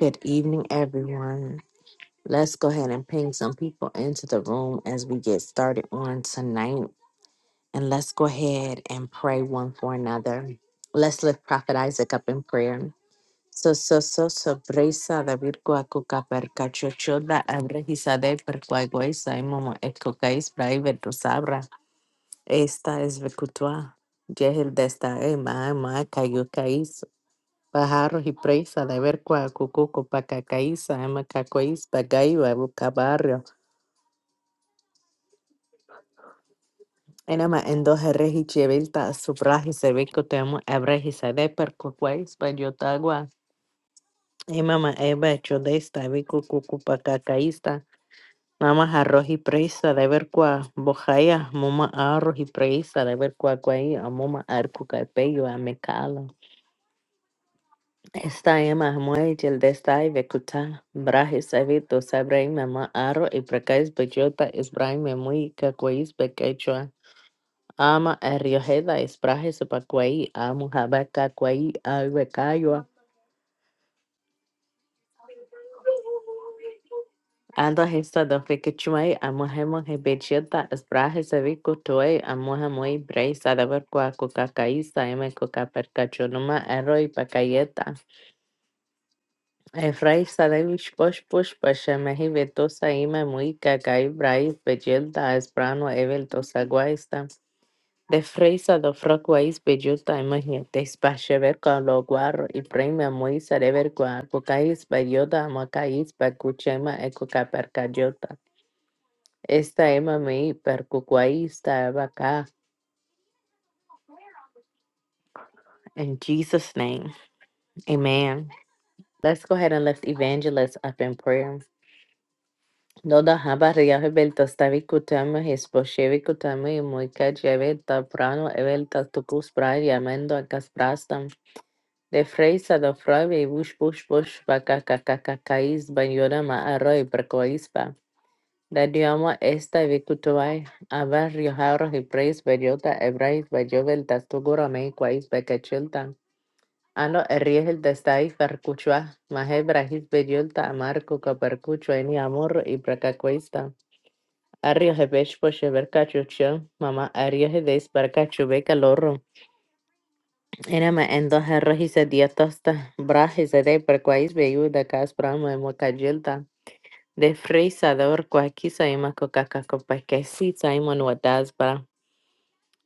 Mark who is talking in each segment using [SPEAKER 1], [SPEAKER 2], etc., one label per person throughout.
[SPEAKER 1] Good evening, everyone. Let's go ahead and ping some people into the room as we get started on tonight. And let's go ahead and pray one for another. Let's lift Prophet Isaac up in prayer. So, so, so, so, brisa da virgua cuca per cacho choda abrehisa de per quaguesa y momo escocais braive tu sabra. Esta es Becutua, Yehil desta ma ma cayucaís, pajaros y presa de ver cua cucuco pacacaíza, ama cacoís, pagaiba, bucabarrio. Enama en dos herreji chevilta, subraji se ve vico temo, abreji se de per cucuáis, payotagua. Emama eba hecho de esta, vico cucu pacacaísta. Mama arroz y presa de ver cua bojaya, moma arroz y presa de ver cua cuaí, amoma arcuca pello, amecala. Estaya Mahmoy Yeldestai Bekuta Brahis Evito Sabraim Mama Aro y Prakais Bejota Isbraim Memui Kakwais Bekechua Ama Erioheda Isbrahis Pakwai Amu Habaka Kwai Albekayua Anda Hista do Fikichumai Amuhemo Hebejota Isbrahis Eviku Tuei Amuhamui Bray Sadabar Kwa Kukakaisa Eme Kukaperkachunuma Ero y Efraísta push push mehi vetosa ima muika kai brais bejelta esprano evel tosa guaista. De freisa do froc guais bejuta ima hientes pashever con lo guarro y prima muisa rever guar bucais beyota amacais pacuchema ecoca percayota. Esta ima mi percuquaista abaca. In Jesus' name, amen. Let's go ahead and lift evangelists up in prayer. לא, לא, אבא היה beltastavi cutama espochevi cutama y muy cacheve taprano evel tatucus prai llamando a casprastam. De freisa do frove y bush bush bush bacacacacacais banyora ma arroy precoispa. Da diamo esta vicutuai, aba riojarro y preis bellota ebrais bellovel tastugura me quais becachilta. Ano erriel destai percuchua, mahe brahis bellota amarco capercucho en amor y precacuista. Arriahe beshposhe berkachucho, mama arriahe des berkachu becalorro. Enama endo herrojise diatosta, brajese de perquais beyuda cas brahma emocagilta. De frisador quaquisa ima cocaca copaquecita imon wadasbra.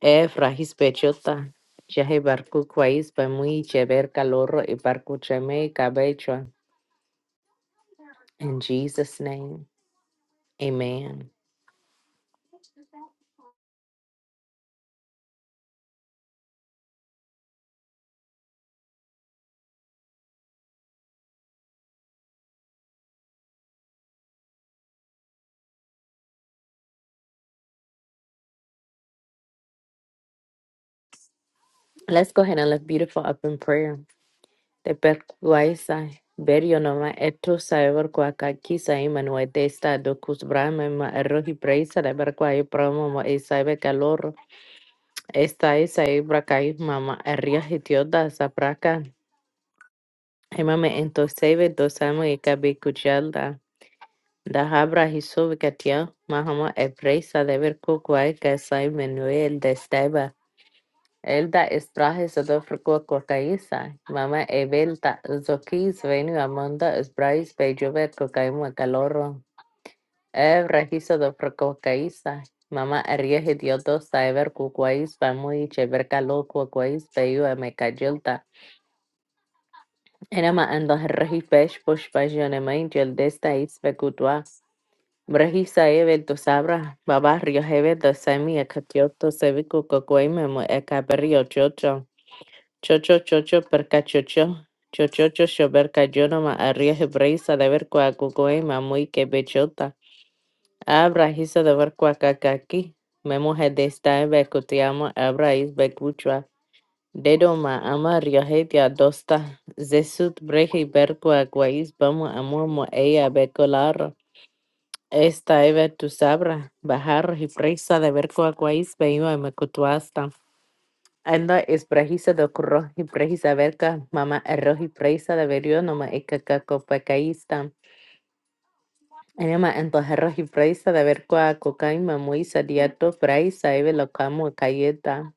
[SPEAKER 1] E frahis pechota. Jahe barku kwais pa bemui chever calorro y barku cheme cabecho. In Jesus' name, amen. Let's go ahead and lift beautiful up in prayer. Tepecuaiza, Berionoma, Eto, Saevercuaca, Quisa, Imanue, Testa, Docus, Brahma, Arroji, Preisa, Lebercuai, Promo, mo e sabe Calor, Esta, Isai, Bracai, Mama, Arria, Hitioda, Zapraca, Emame, Entosebe, Dosamo, y Cabicuchalda, Dahabra, Hisobe, Katia, Mahama, Epreisa, Lebercuai, Casai, Manuel, Elda İsrail Kokayisa, Mama Evelta Zokis Venu Amanda Isbrais Bejovet Kokaimu Calorro, Ev Rajiso do Kokayisa, Mama Arieje Diodosa Ever Kukwais Pamui Chever Calo Kukwais Peyu Amecayelta, Enama Ando Raji Pesh Push Pasionema Ingel Desta Ispe Kutua, Brahisa Evel to Sabra, Baba Rio Hevel do Semi Akatioto e Kokwaimu Ekaberio Chocho, chocho, perca, chocho. Chocho, chocho, perca, yo no ma arriesgue breisa de ver cuacucoe, muy que bechota. Abra, hisa de ver cuacacaqui. Me mujer de esta en becutiamo, abra is becuchua. Dedo ma ama riohetia dosta. Zesut breje y ver cuacuais, vamos a momo ella becolar. Esta eve tu sabra, bajar y breisa de ver cuacuais, veio a mecutuasta. Enda is brahisa do krohi brahisa verka mama errohi brahisa de verio noma ikaka kopakaista. Enema ento herrohi brahisa de verkua kokain mamuisa diato brahisa eve lokamo kayeta.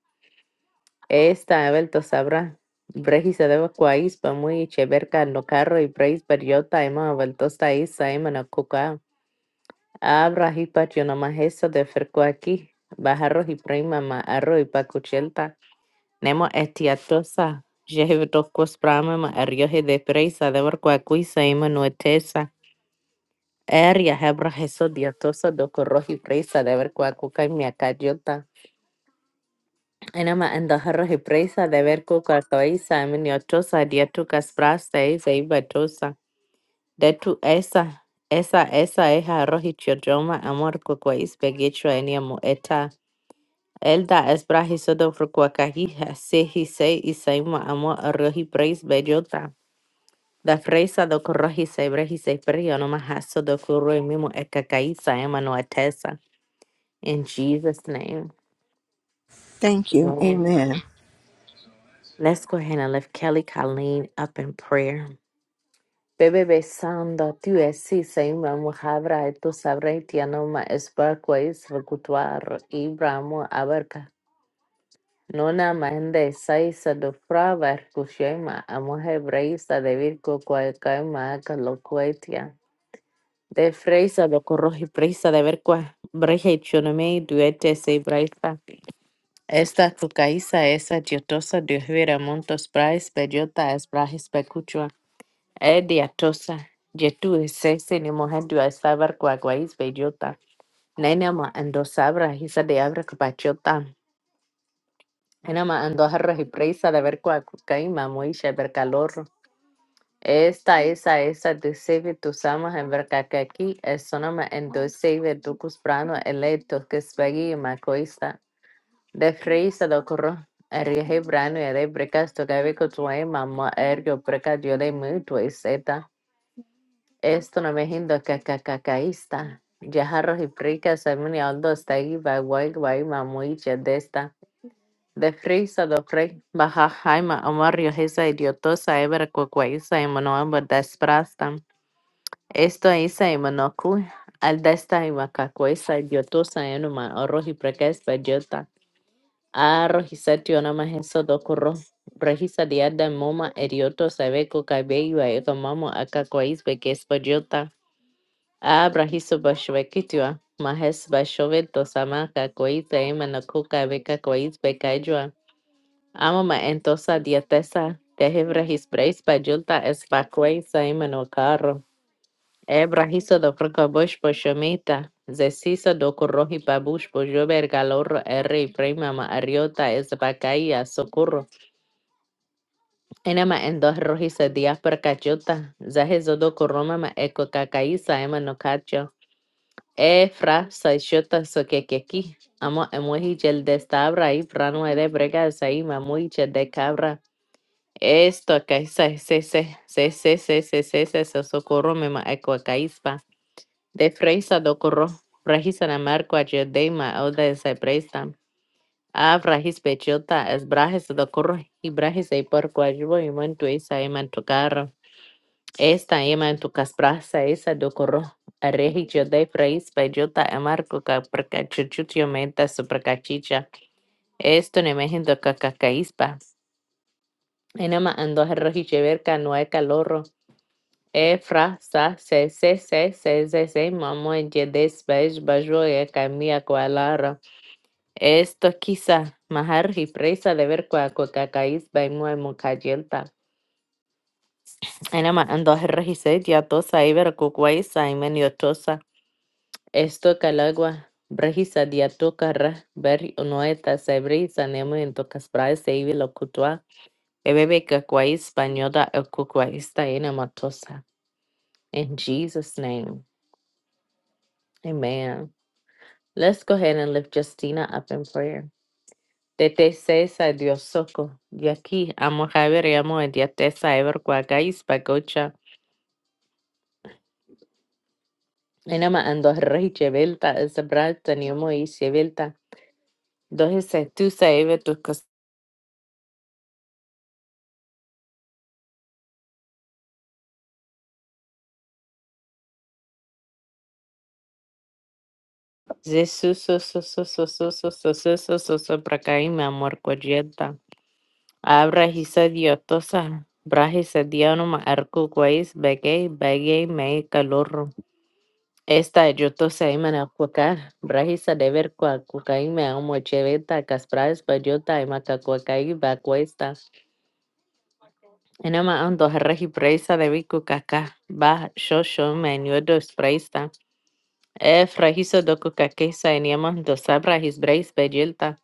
[SPEAKER 1] Esta evel to sabra. Brahisa de vacuais pamui cheverka no carro y brahis periota ema aveltosta isa ema no kuka. Abra hipat yo noma heso de ferkua aquí. Bajarro y prima ma arro y pacuchelta. Nemo etiatosa, jehidocus pramama, eriohe de presa, deber quaquisa, ima nuetesa, eria hebra jeso diatosa, docorohi presa, deber quacuca, miacayota, enema endoherrohi presa, deber cucatoisa, miniotosa, diatucas prasta, isa de tu esa, esa, esa, es rohi chiodroma, amor cuquais, pegicho, enia mueta, Elda es brajizo do frucuacajija, seji se y saima amor arroji preis bellota. Da fresa do corrojise brejise perio no mahaso do curro mimo ekakaisa emano atesa. In Jesus' name.
[SPEAKER 2] Thank you.
[SPEAKER 1] Amen.
[SPEAKER 2] Amen.
[SPEAKER 1] Let's go ahead and lift Kelly Colleen up in prayer. Bebe besando tu esi seima muhabra tu sabre tiano ma esbarco es recutuar ibramo abarca. Nona mende saisa do fraver kushema amohe breisa de virco cualcaima caloquetia. De Freisa, do corroji Freisa, de ver cuál breja y chonomei, duete se Freisa. Esta cucaiza, esa diotosa, diosvira montos prais, bellota, es brajes pecuchua. E diatosa, yetu es sese, ni mujer duasabar cuaguais, bellota. Nena ma ando sabra hisa de abra capachota. Nena ma ando jarra y presa de ver cua cucaima moisha ver calor. Esta esa a esa decebe tus amas en verca que aquí es una en docebe tu brano electo que es y macoista. De freisa do corro erige brano y de brecas tu gabeco tu mamá ergo preca dio de mutuo y zeta. Esto no me hindo que cacacaísta. Yajarros y fricas en mi aldo está ahí va guay guay mamuiche de esta. De frisa do frey baja jaima amarrio esa idiotosa ebra cuacuaiza y monoambo desprasta. Estoy say manaku al destai makakwe say bioto sayanuma orohi prekes bajota arohi setiona maheso dokuro Regisa diada moma erioto sabeco cabello a mamo akakwais bekes bajota abrahiso bashvekitua mahes bashoveto samaka kwais emanaku kabeka kwais bekajua amama entosa diatesa tehebrahis preis bajota es bakwais Ebra hizo do franco bush po shomita. Zesisa do corroji babush po jover galor erri prima ma ariota es bacaya socorro. Enema en dos rojisa diáspora cachota. Zahezo do corroma ma eco cacaíza ema no cacho. E fra saishota so que aquí. Amo emuji gel de stabra y frano de brega saima muiche de cabra. Esto que se se se se se se se se socorro me ma eco caispa. Defreisa do corro, rajisa na marco a geodeima, oda esa preista. Av rajis pechota, es brajes do corro, y brajes ei porco ajubo, y mantu esa ema en tu carro. Esta ema en tu casprasa, esa do corro. Arreji geodei freis pechota, a marco ca percachuchutio menta supercachicha. Esto ne mejen do cacacaispa. Enema ando herroji cheverca, no hay calorro. Efra, sa, se, se, se, se, se, se, mamãe, dia desse beijo, bajoia, caminha com a Lara. Esto quizá, mahar, de ver com a coca, caiz, bem, moe, mocadielta. Ana, ma, ando, rejise, dia tosa, iber, cucuai, e yotosa. Esto calagua, brejisa, dia toca, ra, ber, unoeta, sebrisa, nemo, em tocas praias, seive, locutua. Ebebe, cacuais, banhoda, el cucuaista, ena, matosa. In Jesus' name, amen. Let's go ahead and lift Justina up in prayer. Tete sesa Dios soko. Yaki amo haber amo diatesa ever kwagais pagocha. Enama ando rey chevelta esabrata ni amo y chevelta. Dohe se tu sa eve tu cos. Jesús so so so so so so so so so so so prakaima amor kwajeta. Abra hisa diotosa. Brahe se dianoma arco guais begay begay me calor. esta yo Está, saiman kwakar rahisa dever kwa kukai me amo cheveta kasprais payota y makakuakai bacuesta. Enama ando reji preisa de biku kaka ba shosho meniodo spreista. E frajiso do kukakesa eniaman dos abrahis breis peyelta.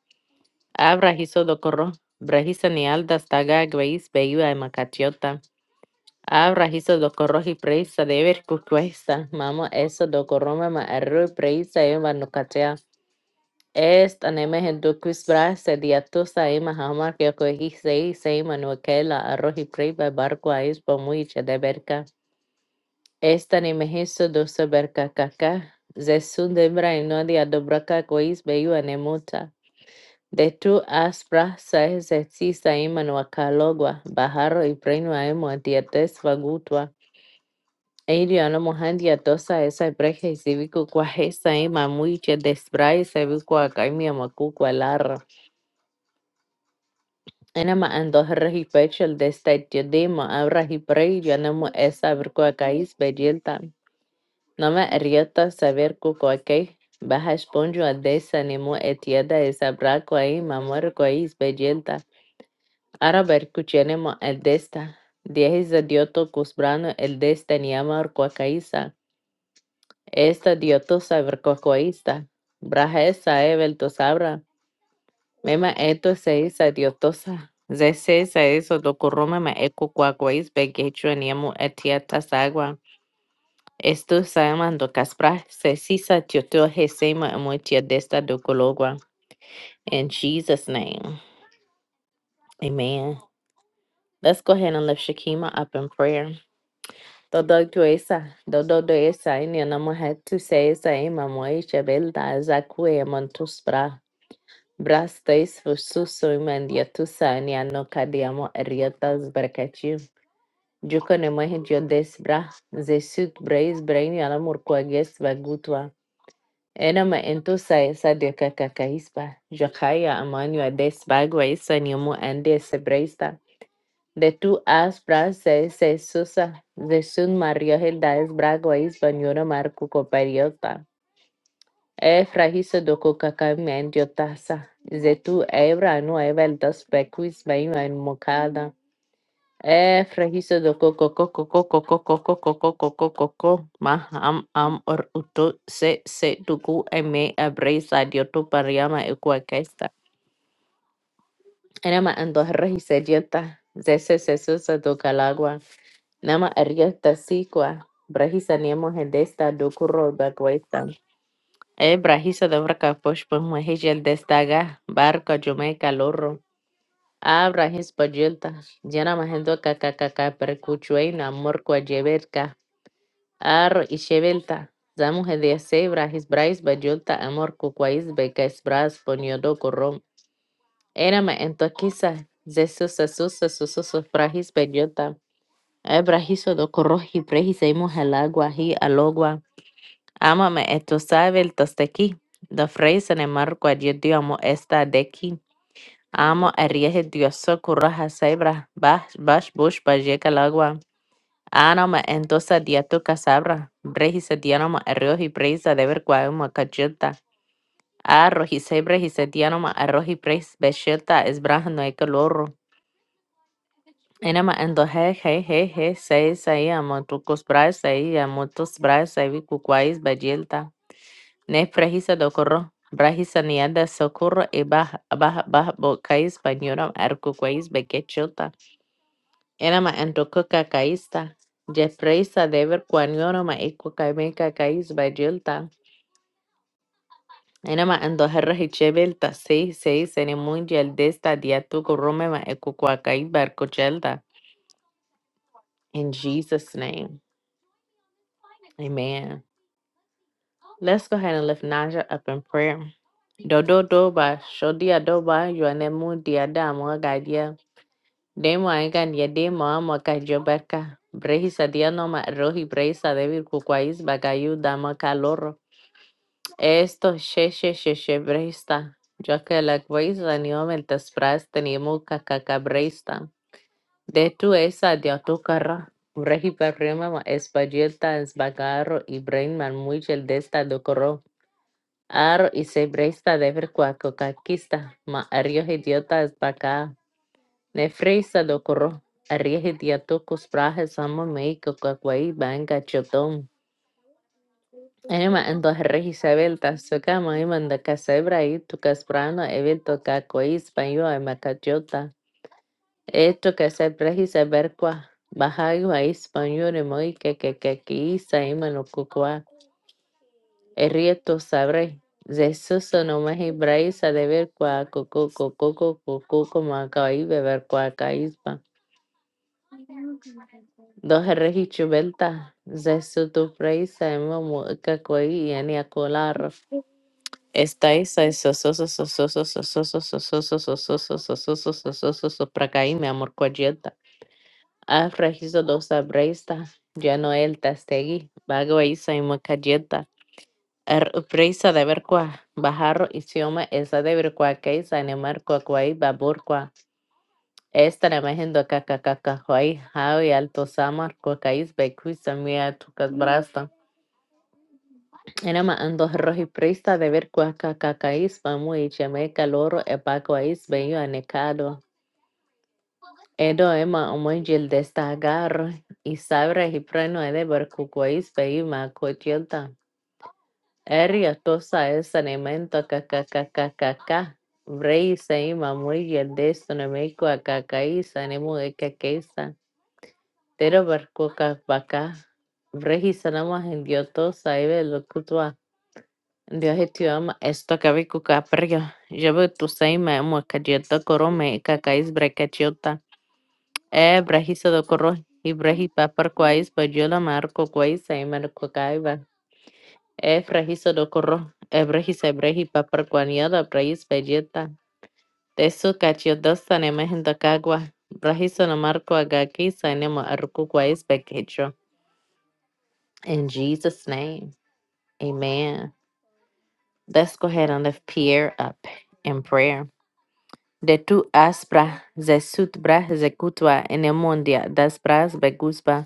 [SPEAKER 1] Abrajiso do corro. Brajisa ni aldas taga gueis beyua y makatiota. Abrajiso do corroji preisa dever kukuesta. Mamo eso do corroma ma arru preisa y Es taneme hindu kusbra sediatu saima hamar que cohi sei seima no la arroz y prey ba barco ais po muiche de berca. Es taneme hiso dosa berca caca. Zesun debra y no dia dobraka cois beiu anemuta. De tu aspra sae zetsi saima no acalogua. Bajaro y prey no aemo atiates vagutua. Eirio no mohandia tosa esa breja y civico cuaje saima muiche desbra y civico acaimia macuco alarra. Enema andoher hipeçel destedydymo avra hiprei yanemu essa virkuakais bedilta. Nome eriota saber kukuakei. Baja esponjo adesa nemu etiada esa brakuai mamorkuais bedilta. Ara berkuchenemo eldesta. Diehis adioto kusbrano eldesta niama orkuakaisa. Esta dioto saber saberkuakuaista. Braja esa evelto sabra. Mema eto seisa diotosa. Ze seisa eso dokuruma ma eko kwa kwais begechwa niamu etia tasagwa. Esto saemando kaspra se sisa tioto hesema emoitia desta dokologwa. In Jesus' name, amen. Let's go ahead and lift Shakima up in prayer. Todo tuesa, dodo doesa, ini anamuhetu seisa ima moisha belda zakue Brastais Fusussuimandiatusa Nianocadiamo Erietas Bracati Juconemai Diodes Bra Zesut Brais Brainiana Murquages Bagutua Enama Entusa Esa de Cacacaispa Jacaya Amanua Des Bagua Esa Niomu Ande Sebraista De tu as brasa se susa, de sun Mario Hilda es bragua is banyura marco Copariota. E frahisa doko kaka men diotasa. Zetu ebra no evel dos bequis bain en mocada. E frahisa doko coco coco coco coco coco coco coco, ma am am or uto se se duku eme abresa dioto pariama equaquesta. Enema ando regisa diota. Zese seso se susa do calagua. Nama arieta siqua. Brahisa niemo hendesta do curro Ébra, hisa de vraka posh pues muejil destaga, barca, jumeca, lorro. Abra, hispa yelta, llena majendo cacacaca, percuchueina, morcua, yeberca, ar y chevelta. Zamu de sebra, hisbrais, bayulta, amor, cucuais, beca, esbras, poniodo, corrom. Érama en toquisa, zesusa, susa, sususos, frajis, bellota. Ebra, hiso do corroji, prejis, eimos el agua, hi, alogua. Ámame, esto sabe el de aquí. La frase en el marco allí amo esta de aquí. Amo a rieje dioso curraja cebra, Bash bash bush pa llega el agua. Anoma entonces dia tu casabra. Breji se dianoma arroz y presa de ver cuauma cacheta. Ah, Arroz y cebra y se dianoma arroz y pres becheta es braja no hay calor. Enema endoje je je je se se amo tu cos cosbra se amo tus bra se vi cuquais, Ne prehisa dokoro. Brahisa niada socorro e baja baja baja bocais pañora arcoquais bequechota. Enama antococa caista. Jepreisa dever quanioroma ecocameca cais bajilta. Enama andoherra hichebelta seis seis en mundial desta diatuco romema ecoquacai barcochelta. In Jesus' name. Amen. Let's go ahead and lift Naja up in prayer. Dodo doba, shodia doba, yuanemu diada muagadia. Demo angan demo amo kajo berka. Brehisa diano ma rohi brehisa devil kukwais bagayu dama caloro. Esto she she she she brehista. Yo que la guisa ni omel tespras tenimo kakaka brehista. De tu esa dia tu carra. Brehi perrema ma espagielta es bagarro y brain man muchel desta do corro. Aro y se brehista devil cuaco kakista. Ma arios idiota es bacá. Ne fresa do corro, Arriesgue dia tocos prajas amo meico cacuai banga chotón. Ema ando regi sabel ta soca maima da casebra y tu casprano evento cacuai español e macachota. Esto que se precisa ver cuá Bajago a español e moi que que que que isa ima no cucua. Errieto sabré. Jesús no me hebraísa de ver cua coco coco coco coco como acá y beber cua caíspa. ظهر belta zai sutu praisa emo mo kakoi y ani akolar. Estai sai sososo sososo sososo sososo sososo mi amor coyeta. Afrajizo dosa breista, ya no el tastegi, vago isa y mocayeta. Er de ver bajarro y sioma esa de ver que isa en el marco cuá babur esta Mahendo Kakakakahuay, Javi, Alto Samar, Cuacaís, Becuisa, Mia, Tucas Brasta. Enama Ando Roji Prista de ver Cuacacacais, Pamu y Chemeca, Loro, Epacuais, Bello Anecado. Edo Ema, Omongil de Stagarro, y Sabra y Preno de Bercucuais, Bello Macotilta. Eria Tosa es Anemento Kakakakakaka. Vrei Seima, Muriel de Stonemeco, Acacais, Anemo de Caquesa. Terobarcoca vaca, registramos en Dios todo sabe lo que tú has. Dios tu ama, esto cabe cuca perrio. Yo veo tu seima, muacayeta corome, cacais brecachota. Eh, brajisa do corro, y breji papar cuais, pues yo la marco cuais, seima lo cucaiba. Eh, frajisa do corro, eh, brejisa breji papar cuaniada, brejis bajeta. Tesu cachiotas tanemes en tacagua. Brajisa no marco agaki, sainemo arco cuais pequecho. In Jesus' name. Amen. Let's go ahead and lift Pierre up in prayer. De tu aspra, ze sutbra, ze kutwa, enemundia, das bras begusba,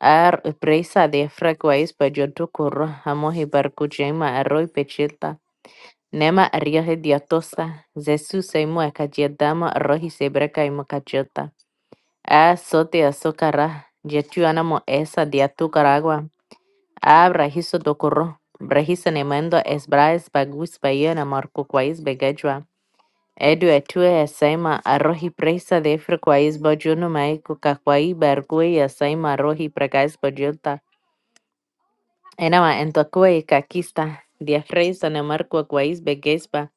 [SPEAKER 1] ar presa de frequais bejotukur, hamohi barkujema, arroi pechilta, nema ariohe diatosa, ze suseimua kajedama, arrohi sebreca y mocachilta, a sote azucara, jetuanamo esa diatucaragua. Abra hiso dokoro. Brahisa nemendo esbraes bagus bayena marco quais begajwa. Edu etue esaima arohi preisa defre quais bojuno maiku kakwai bargui esaima arohi pregais bojulta. Enama entokue kakista. Diafreisa ne marco quais begespa.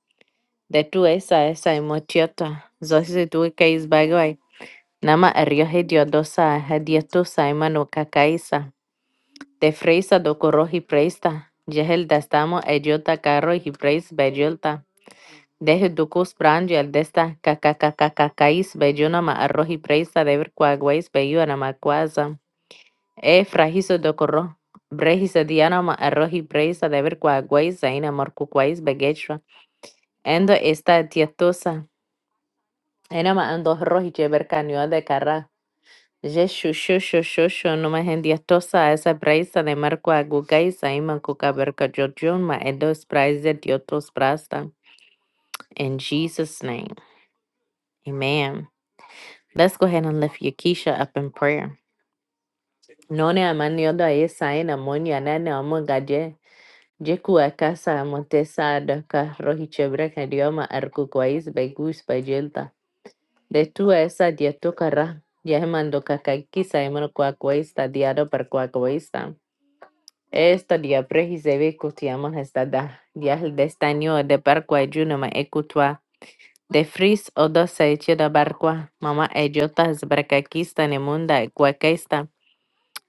[SPEAKER 1] De tu esa esa emotiota. Zosi tu kais bagwai. Nama eriohe diodosa hadietu saima no kakaisa. Te freisa do coro hipreista. Jehel dastamo ejota carro hipreis bejolta. Deje do cus brange al desta kakakakakakais bejona ma arro hipreista deber quaguais beyuana ma quaza. E frajizo do coro. Brejisa diana ma arro hipreista deber quaguais zaina morcuquais begechua. Endo esta tietosa. Enama ando rohi jeber canioa de carra Jeshu shushu shushu numa hendia esa braisa de marco agugaisa ima kuka berka jojuma edos praise diotos prasta. In Jesus' name, amen. Let's go ahead and lift Yakisha up in prayer. None amani odo esa ena moni anane omonga je. Jeku akasa amotesa adaka rohi chebreka dioma arku kwais begus bajelta. De tu esa diatoka ra. Yahemando kakakisa emano kwa kwaista diado per kwa Estaria preciseve kutiama hestada. Yahel destanio de barqua junoma ecutua. De fris o dos seitio da barqua. Mama ejota es bracaquista nemunda ecuaquesta.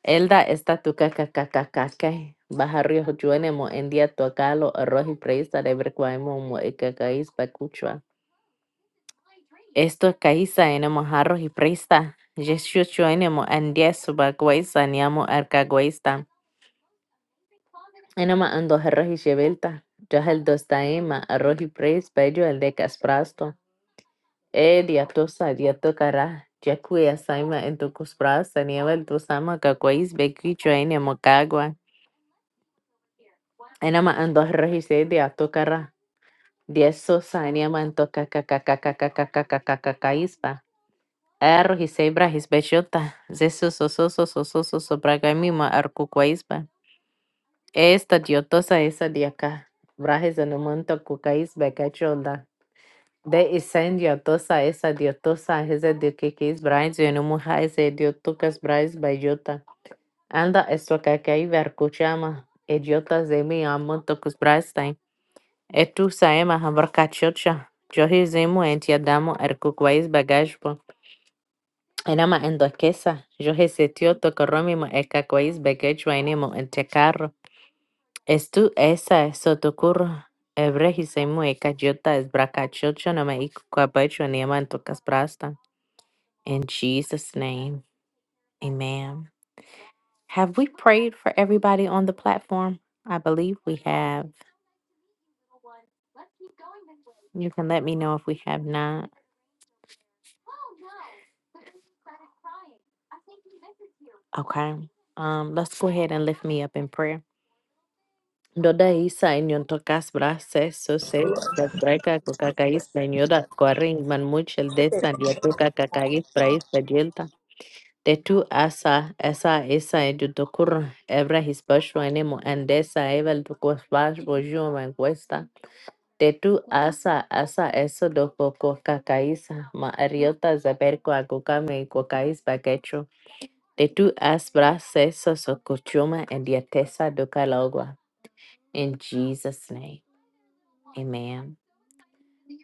[SPEAKER 1] Elda está tu cacacacacaca. Bajarrio juenemo en día tuacalo arroz y presta de bercuaimo mo ecacaís pacuchua. Esto caísa enemo jarro y presta. Jesús chuenemo en día subacuaiza niamo arcaguaista. Énamo ando a rojiche vuelta, yo huelo esta hema, a rojiche pres, bajo el decasprasto. Diatosa diatocara, ya que esa hema en tu cosprasto nieva el dosama que coíz ve quicho en el macagua. Énamo ando a rojiche diatocara, diesso saña man to kakakakakakakakakakakakakáispa. A rojiche brajes vejota, Jesús oso oso oso oso oso oso braga mima arco coízpa. Esta diatosa esa diaca, brajes no man to coíz ve cachonda. ده السن يطوسا esa diotosa es el de que es Bryce y no mujer es el diotucas Bryce bayota. Anda esto que que hay vercuchama idiotas de mi amo tocus Bryce time. E tu saema hambar cachocha. Yo hizemo entiadamo ercuquais bagajpo. Enama endoquesa. Yo hesetio tocorromimo ecaquais bagajpo enemo ente carro. Estu esa sotocurro. Ebre hizemo ecajota es bracachocha no me icuapacho ni aman tocas Bryce In Jesus' name, amen. Have we prayed for everybody on the platform? I believe we have. You can let me know if we have not. Okay. Um, let's go ahead and lift me up in prayer. Doda isa inyon tokas brases so se katraka kokakais benyoda koring man muchel destan ya toka kakagis prais pajelta de asa esa esa edutokur evra his basho enemo andesa evel tokos bash bojo man Tetu asa asa eso dokoko kakaisa ma ariota zaber kuagukame kukais bagecho. Tetu as bras eso sokuchuma and yatesa dokalogwa. In Jesus' name, amen.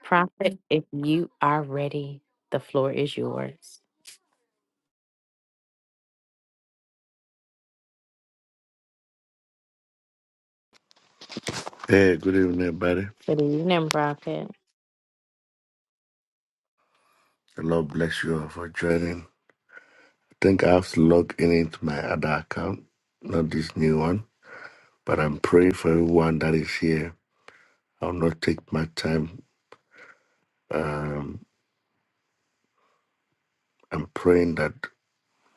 [SPEAKER 1] Prophet, if you are ready, the floor is yours.
[SPEAKER 3] Hey, good evening, everybody.
[SPEAKER 1] Good evening, Prophet.
[SPEAKER 3] The Lord bless you all for joining. I think I have to log in into my other account, not this new one. But I'm praying for everyone that is here. I'll not take my time. Um, I'm praying that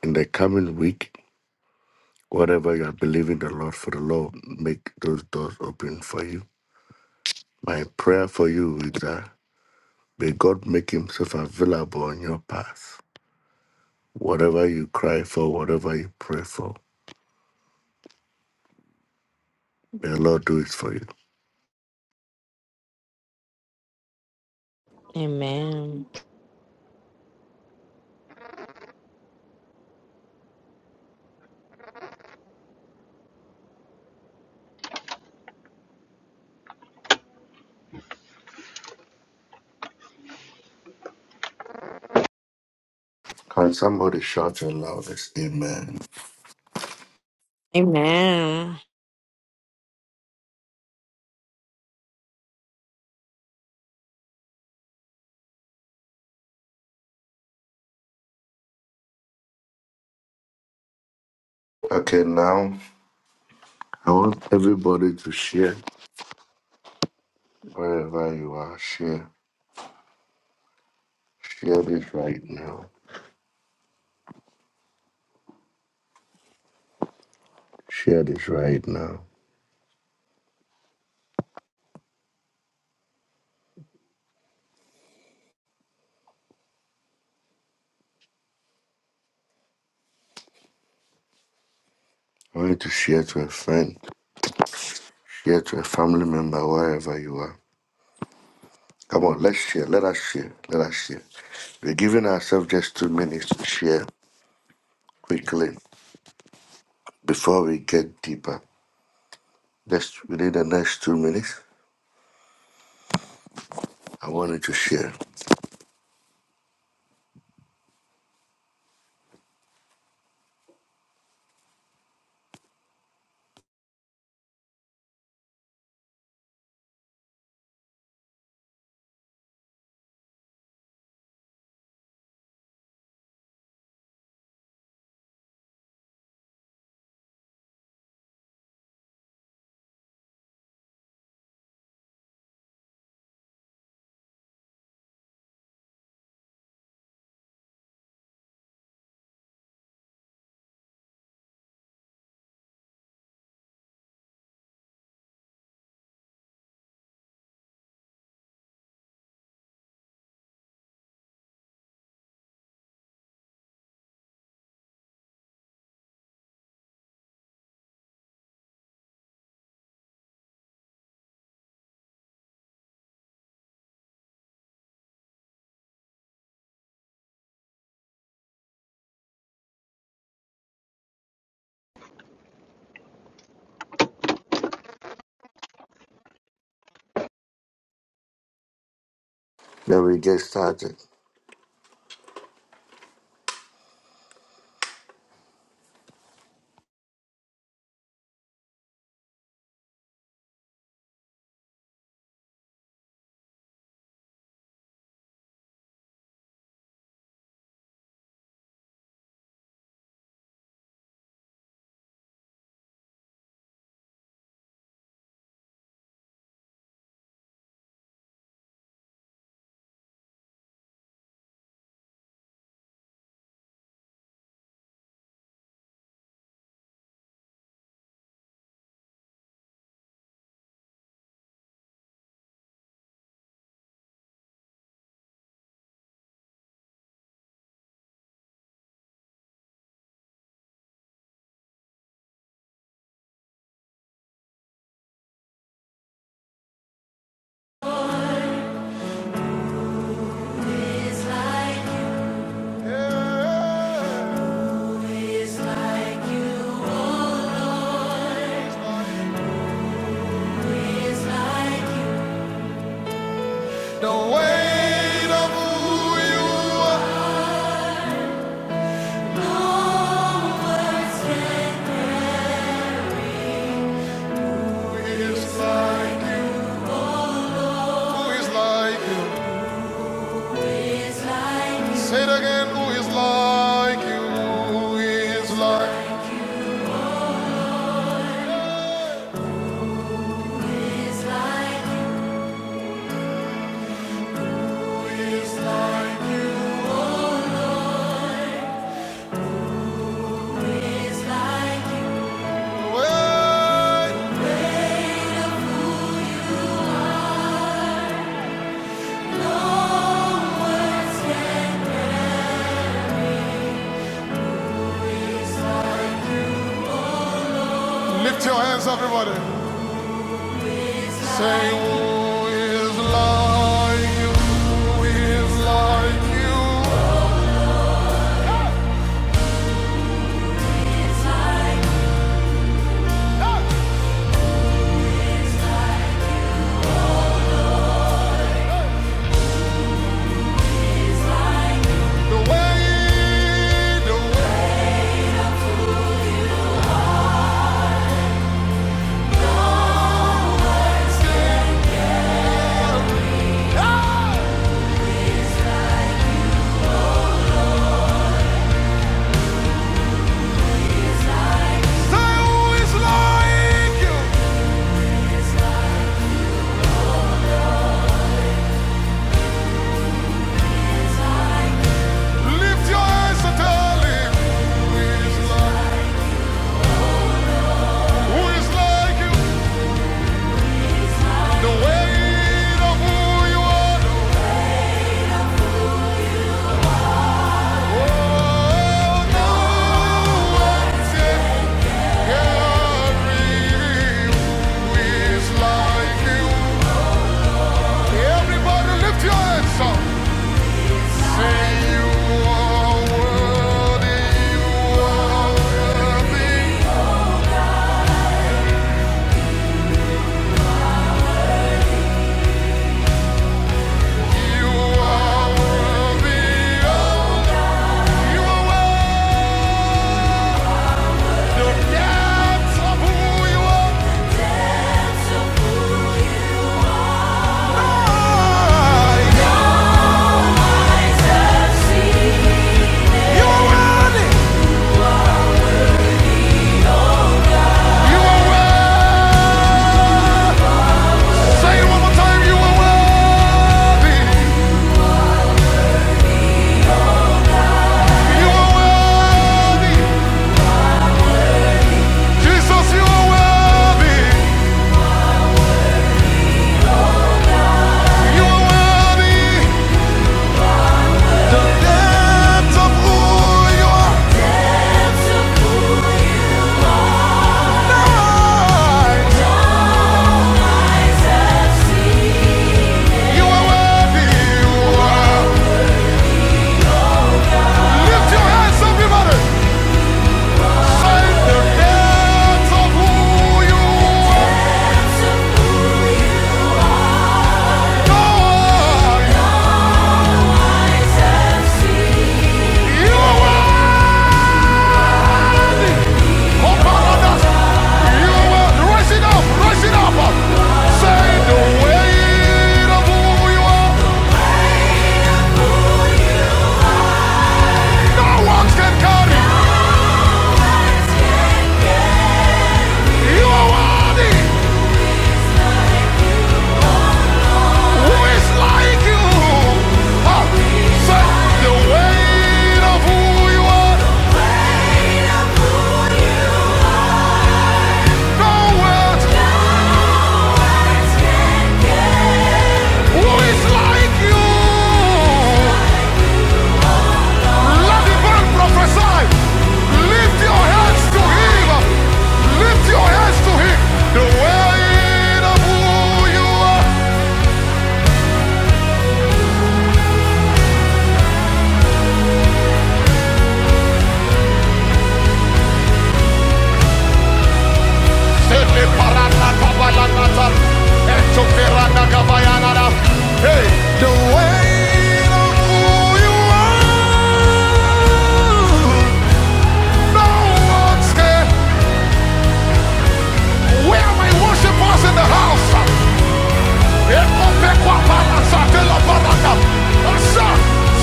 [SPEAKER 3] in the coming week, whatever you are believing the Lord for, the Lord make those doors open for you. My prayer for you is that may God make Himself available on your path. Whatever you cry for, whatever you pray for, may the Lord do it for you.
[SPEAKER 1] Amen.
[SPEAKER 3] Can somebody shout your loudest amen?
[SPEAKER 1] Amen.
[SPEAKER 3] Okay, now I want everybody to share wherever you are. Share. Share this right now. Share this right now. I want you to share to a friend, share to a family member, wherever you are. Come on, let's share. Let us share. Let us share. We're giving ourselves just two minutes to share quickly before we get deeper. Just within the next two minutes, I want you to share. Then we get started.
[SPEAKER 4] The weight of who you are is like you. Who is like you? Say it again. Who is like you? Who is like? you, Who is like you? Wait. Lift your hands, up, everybody. Say who is like you? Who is like you? who is like you. The way Thou is like you. Lift your eyes and tell who is like, like you? The weight of who you are. Oh, no one can Who is like you? Everybody lift your hands up. Say you are worthy, you are worthy. You are worthy, you are. Lift your hands, everybody. Find the depths of who you are. You are for paradise. You are rise it up, rise it up. Say the weight of who you are. No one can carry. You are worthy. Who is like you? Ah, Say the weight of who you are. No words. Who is like you? Let the man prophesy. Lift your hands to him. Lift your hands to him. The weight of who you are. Sele parana kabayanata. Eto perana kabayanada. Hey, the weight of who you are. No one can Where are my worshipers in the house?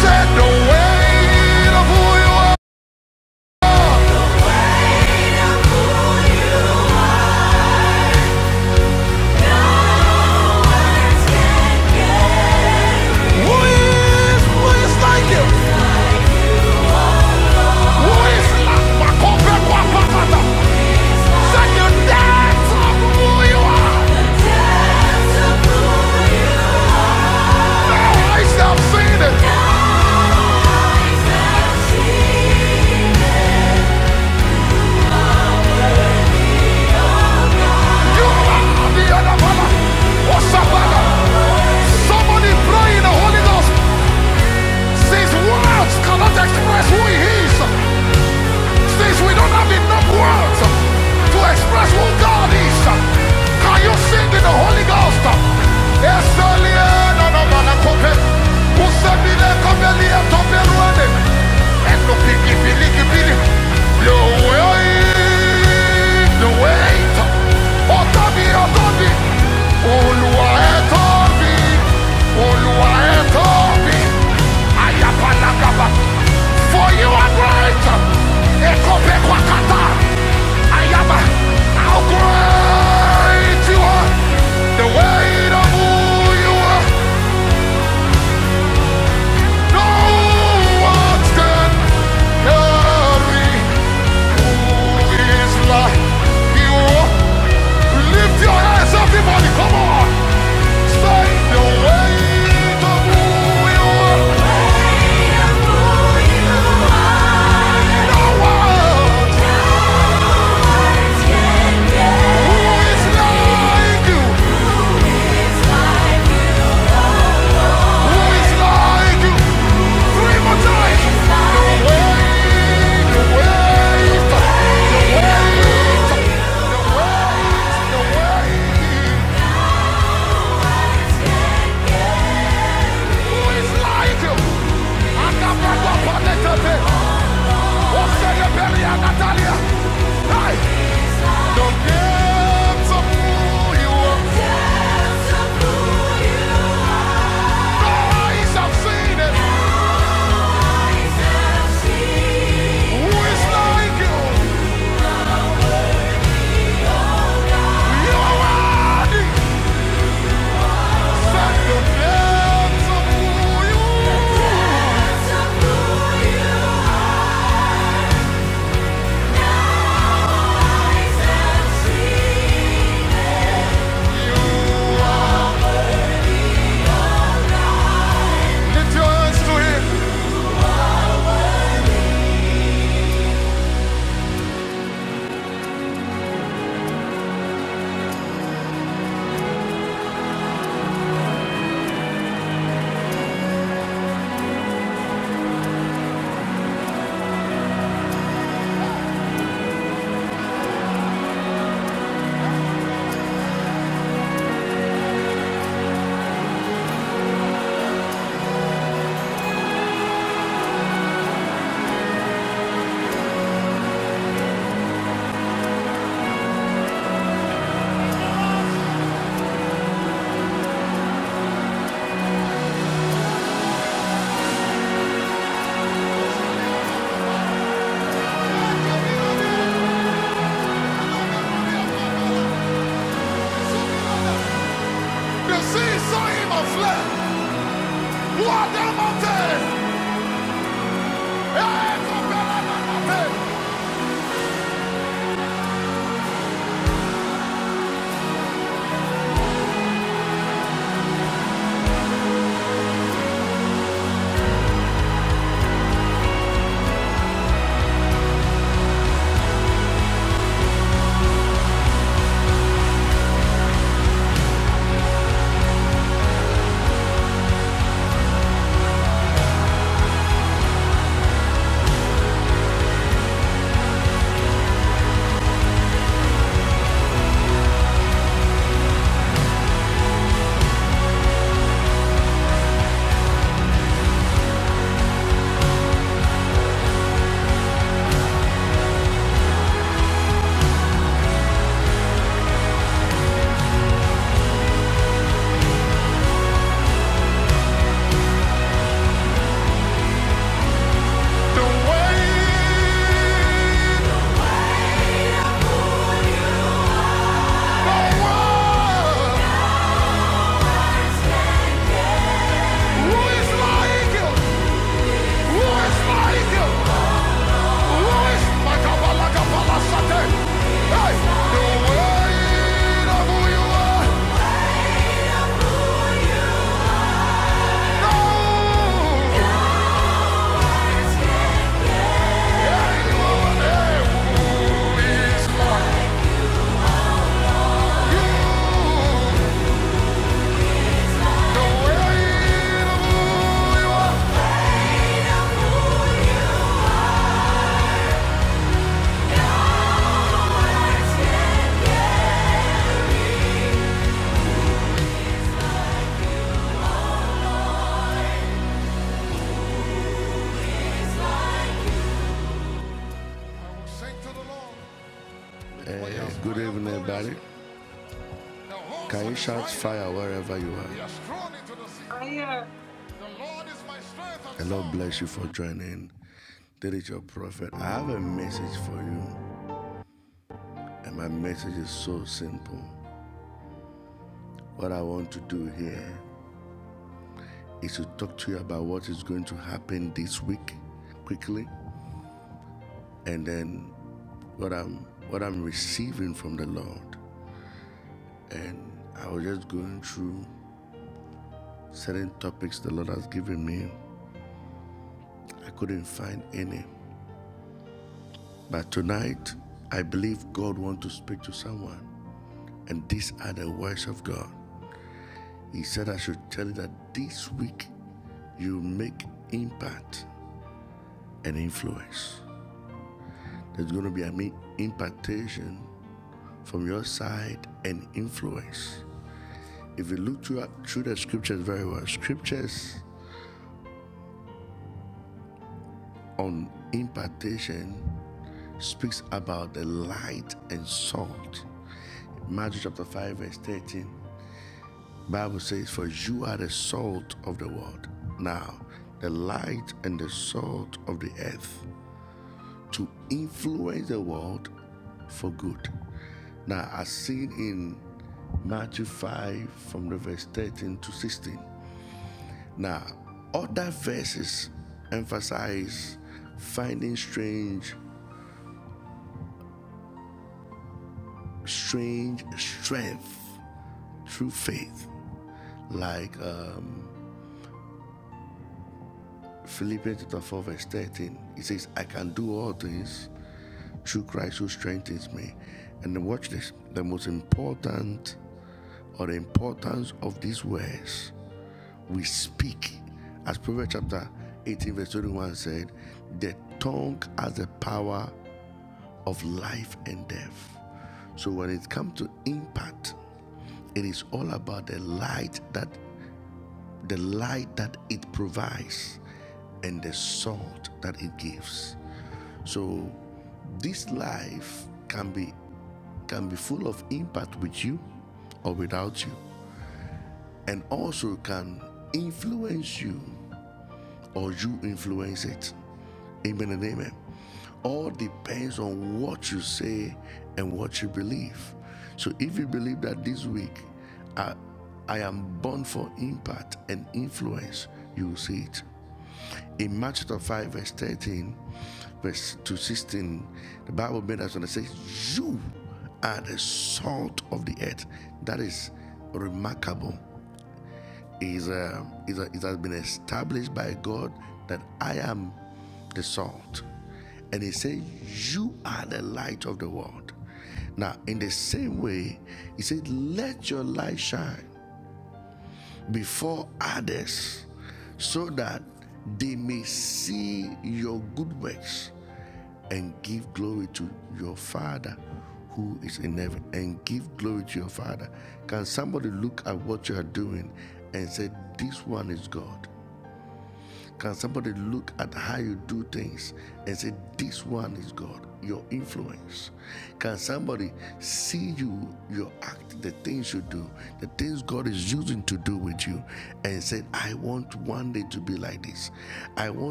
[SPEAKER 4] Said the weight of who you are. Who is, who is like you? Who is like you? Said you dance of who you are. Now I shall seen it. You are the other brother. What's up, brother? Somebody pray in the Holy Ghost. These words cannot express who he is. Since we don't have enough words to express who God is, can you sing in the Holy Ghost? the weight Ọ̀tá mi ọ̀tá mi, Olúwa ẹ̀tọ́ mi, Olúwa ẹ̀tọ́ mi. Ayabalagaba, for you are great. Ekopekwakata, Ayaba, how great you are. The weight of who you are. Lift your hands, everybody, come on! Say the weight of who you are. No one, who is like you, who is like you. Three more times. Lift your hands to him. The sea saw him of flesh. What the mountain? Eh, compare that mountain. The way, the world. Who is like you? Who is like you? Who is Makabalakabalasate? Hey, the way of who you are. No. Anyone, eh, who is like you? The way of who is. sing to the Lord. The Lord is strong into the sea. The Lord is my strength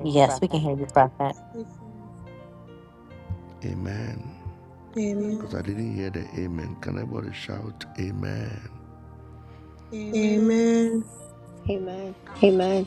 [SPEAKER 1] Yes, we can hear you, Prophet.
[SPEAKER 5] Amen. Amen.
[SPEAKER 6] Amen.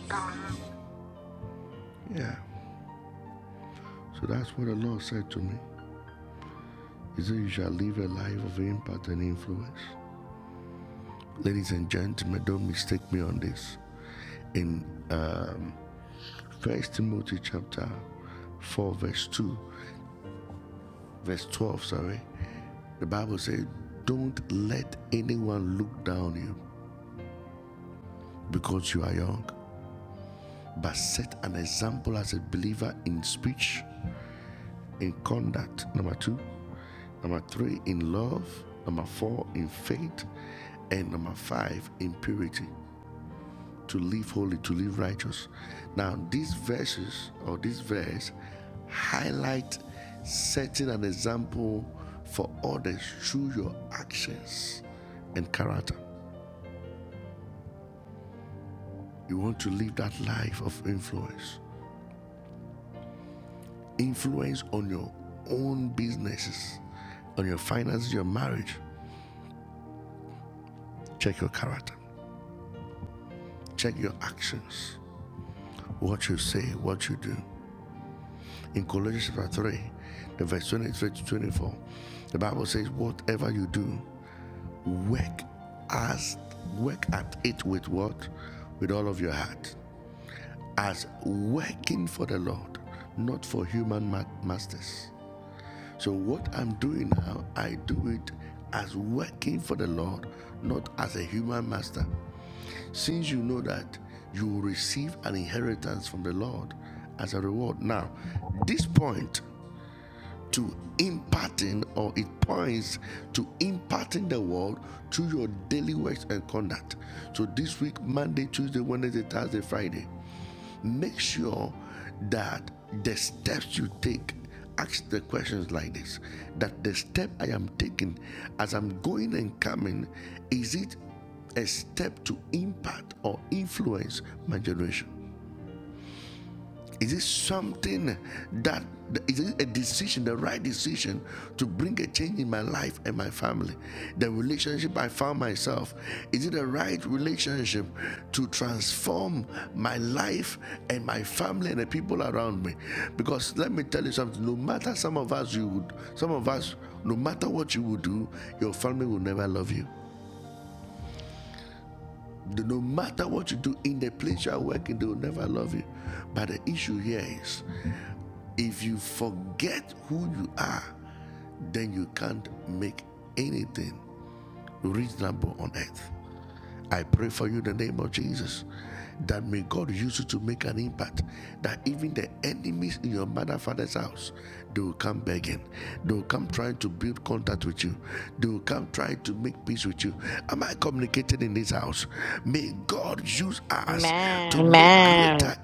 [SPEAKER 1] Amen.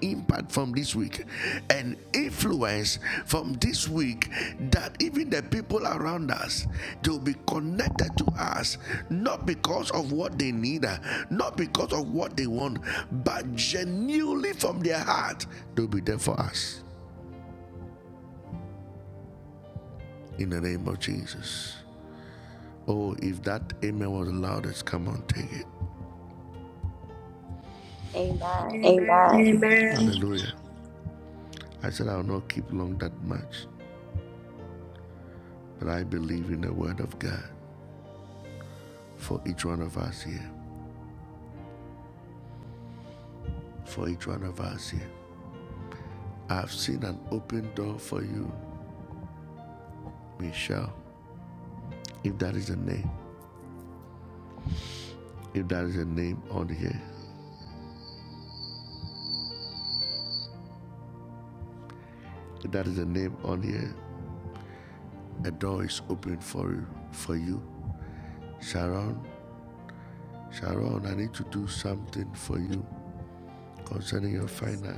[SPEAKER 6] Amen.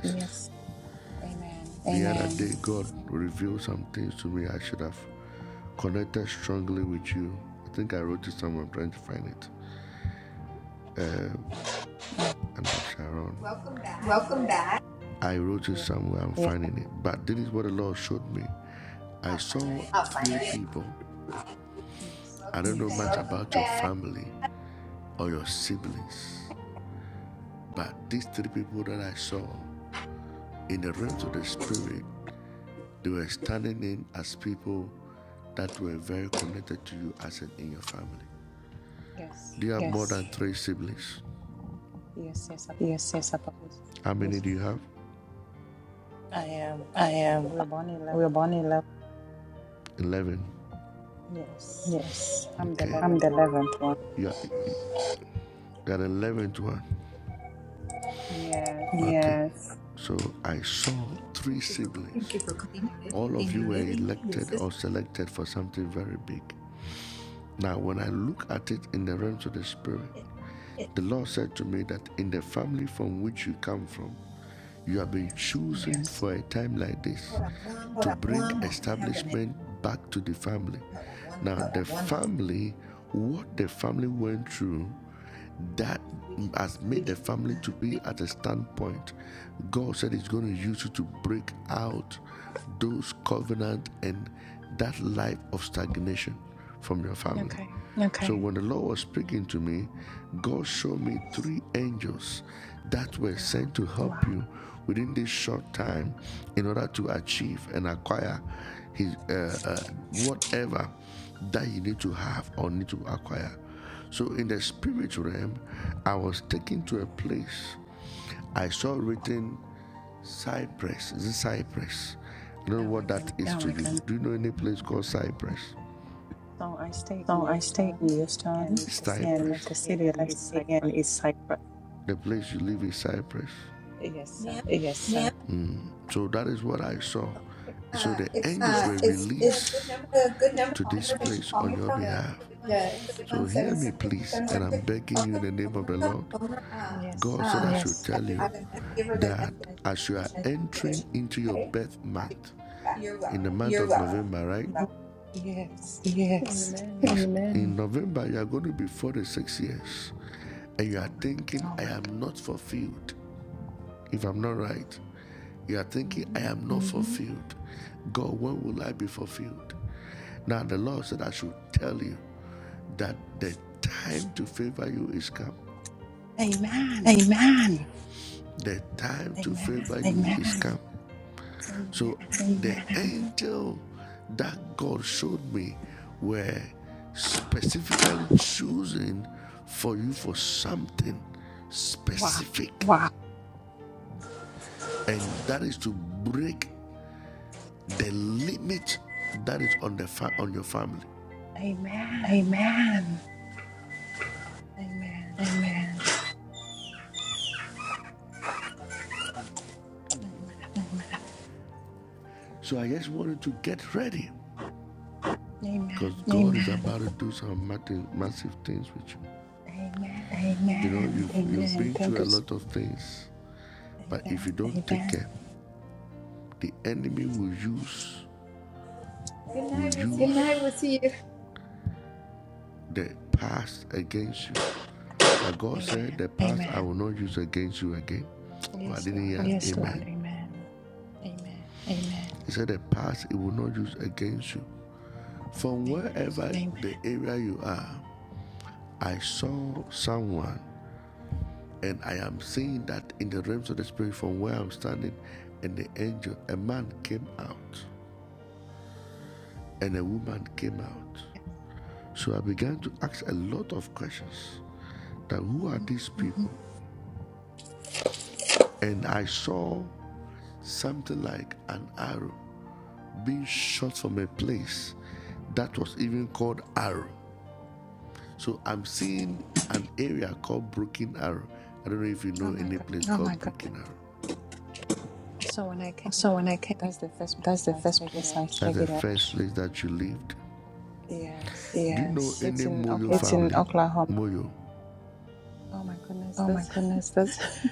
[SPEAKER 7] Yes. Amen. Welcome back. Yes. I'll find it. Yes. Welcome back. Yes. Yes. Yes. Apostle. Yes. I am. We were born eleven. Yes. I'm the eleventh one. Yes. Thank you for coming. Senior living. This is it. Yes. Okay, hold on one moment. I have the message. Hold on one moment. Let's read it. Uh, read Okay. Wow. Oh my goodness. So I stay in Houston, and the city that I stay in is Cyprus. Yes. uh, Ma'am, Uh, is is a good number the number that you call me from the two eight one seven seven seven six? Okay, she's on the phone right. now. Um, Yes. yeah, I'm gonna give her the message and let her know that you called. Okay, so she can call you back. You're welcome. Bye. Yes. Amen. Oh my God. hmm Amen. Amen. Amen. Wow. Amen. Amen. Amen. Amen. Amen. Amen. Thank you so much. Good night. We'll see you. Amen. Yes, Lord. Amen. Amen. Amen. hmm Oh my goodness. So when I came here, that's the first place I figured out. Yes, it's in Oklahoma. Oh my goodness. That's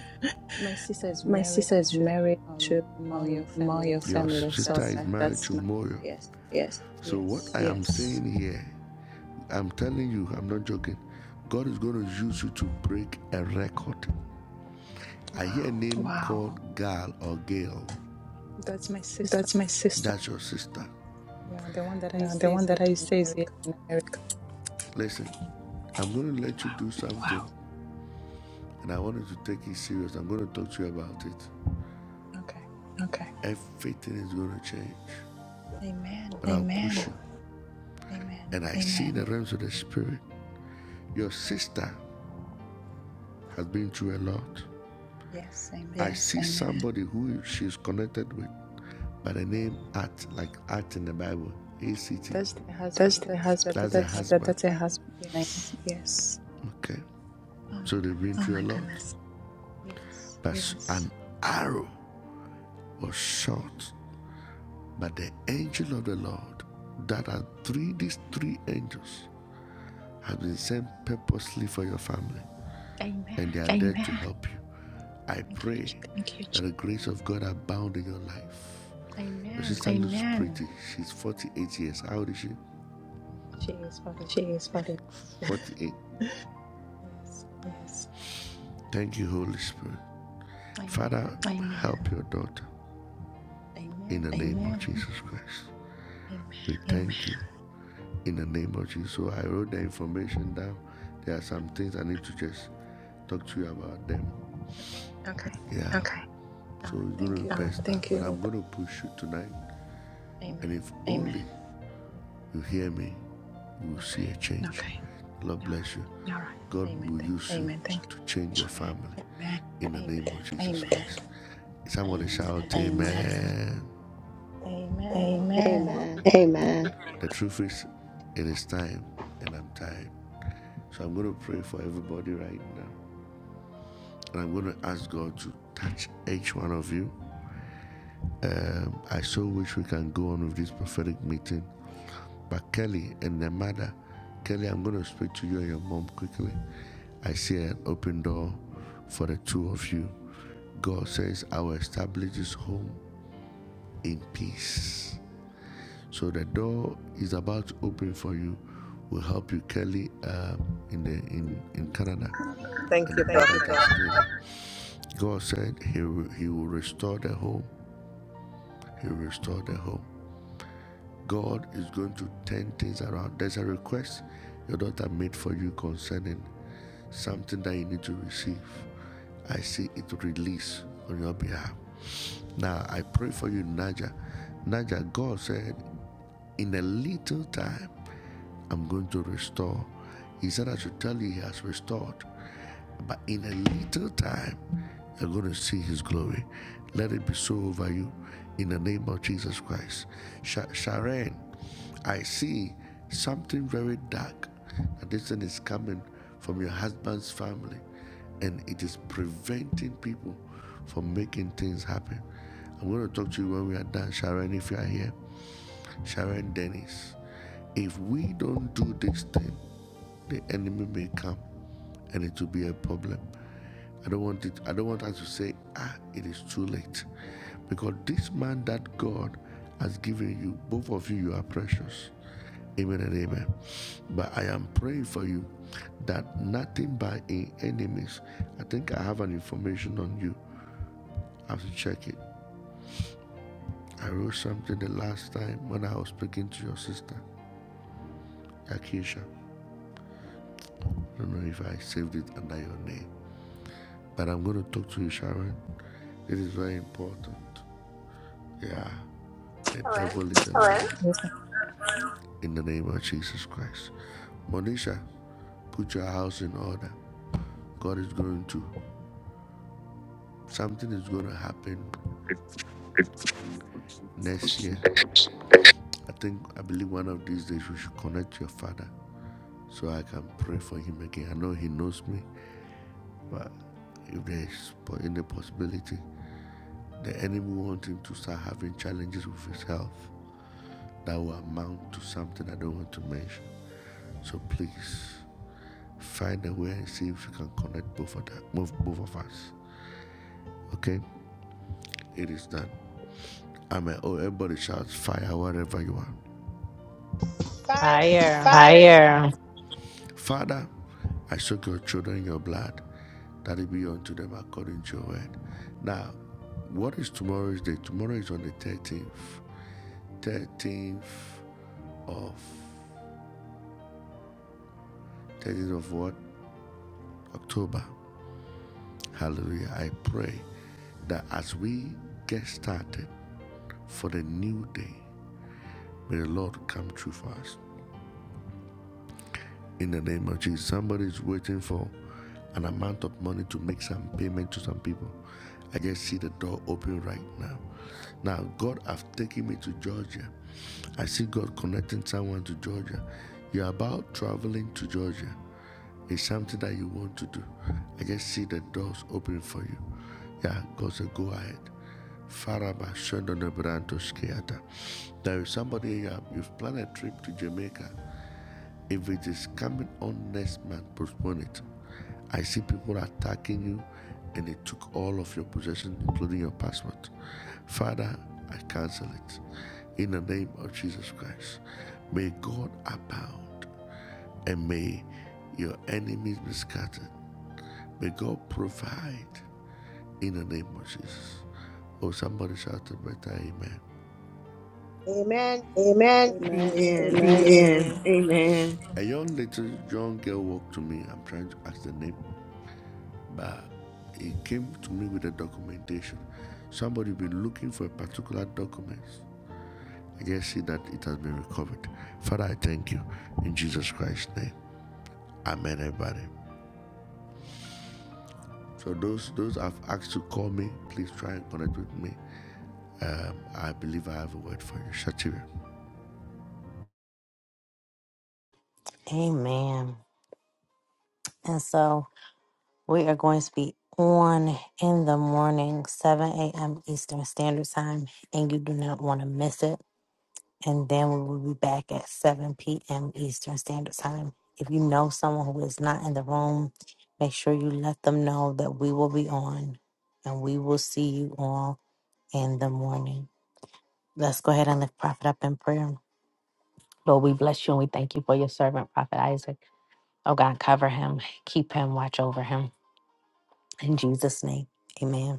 [SPEAKER 7] my sister is married to um Mayo family. So yeah, that's my yes, yes. Wow, that's my sister. Yeah, the one that I used to say is here in America. Wow. Okay. Amen. Amen. Yes. Amen. That's the husband. That's that, that's her husband's name. Yes. Oh my goodness. Yes. Amen. Thank you. Jesus. Amen. She is forty. Yes. Amen. Amen. Amen. Okay. All right. Thank you. Amen. Okay. All right. Amen. Thank you. Amen. Amen. Amen. Amen.
[SPEAKER 6] Amen.
[SPEAKER 8] Thank you, Prophet.
[SPEAKER 7] Yes,
[SPEAKER 1] Fire.
[SPEAKER 5] Amen.
[SPEAKER 6] Amen.
[SPEAKER 2] Amen. Amen.
[SPEAKER 1] Amen. And so. We are going to be on in the morning, 7 a.m. Eastern Standard Time, and you do not want to miss it. And then we will be back at 7 p.m. Eastern Standard Time. If you know someone who is not in the room, make sure you let them know that we will be on and we will see you all in the morning. Let's go ahead and lift Prophet up in prayer. Lord, we bless you and we thank you for your servant, Prophet Isaac. Oh God, cover him, keep him, watch over him. In Jesus' name, amen.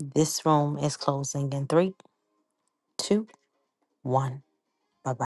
[SPEAKER 1] This room is closing in three, two, one. Bye bye.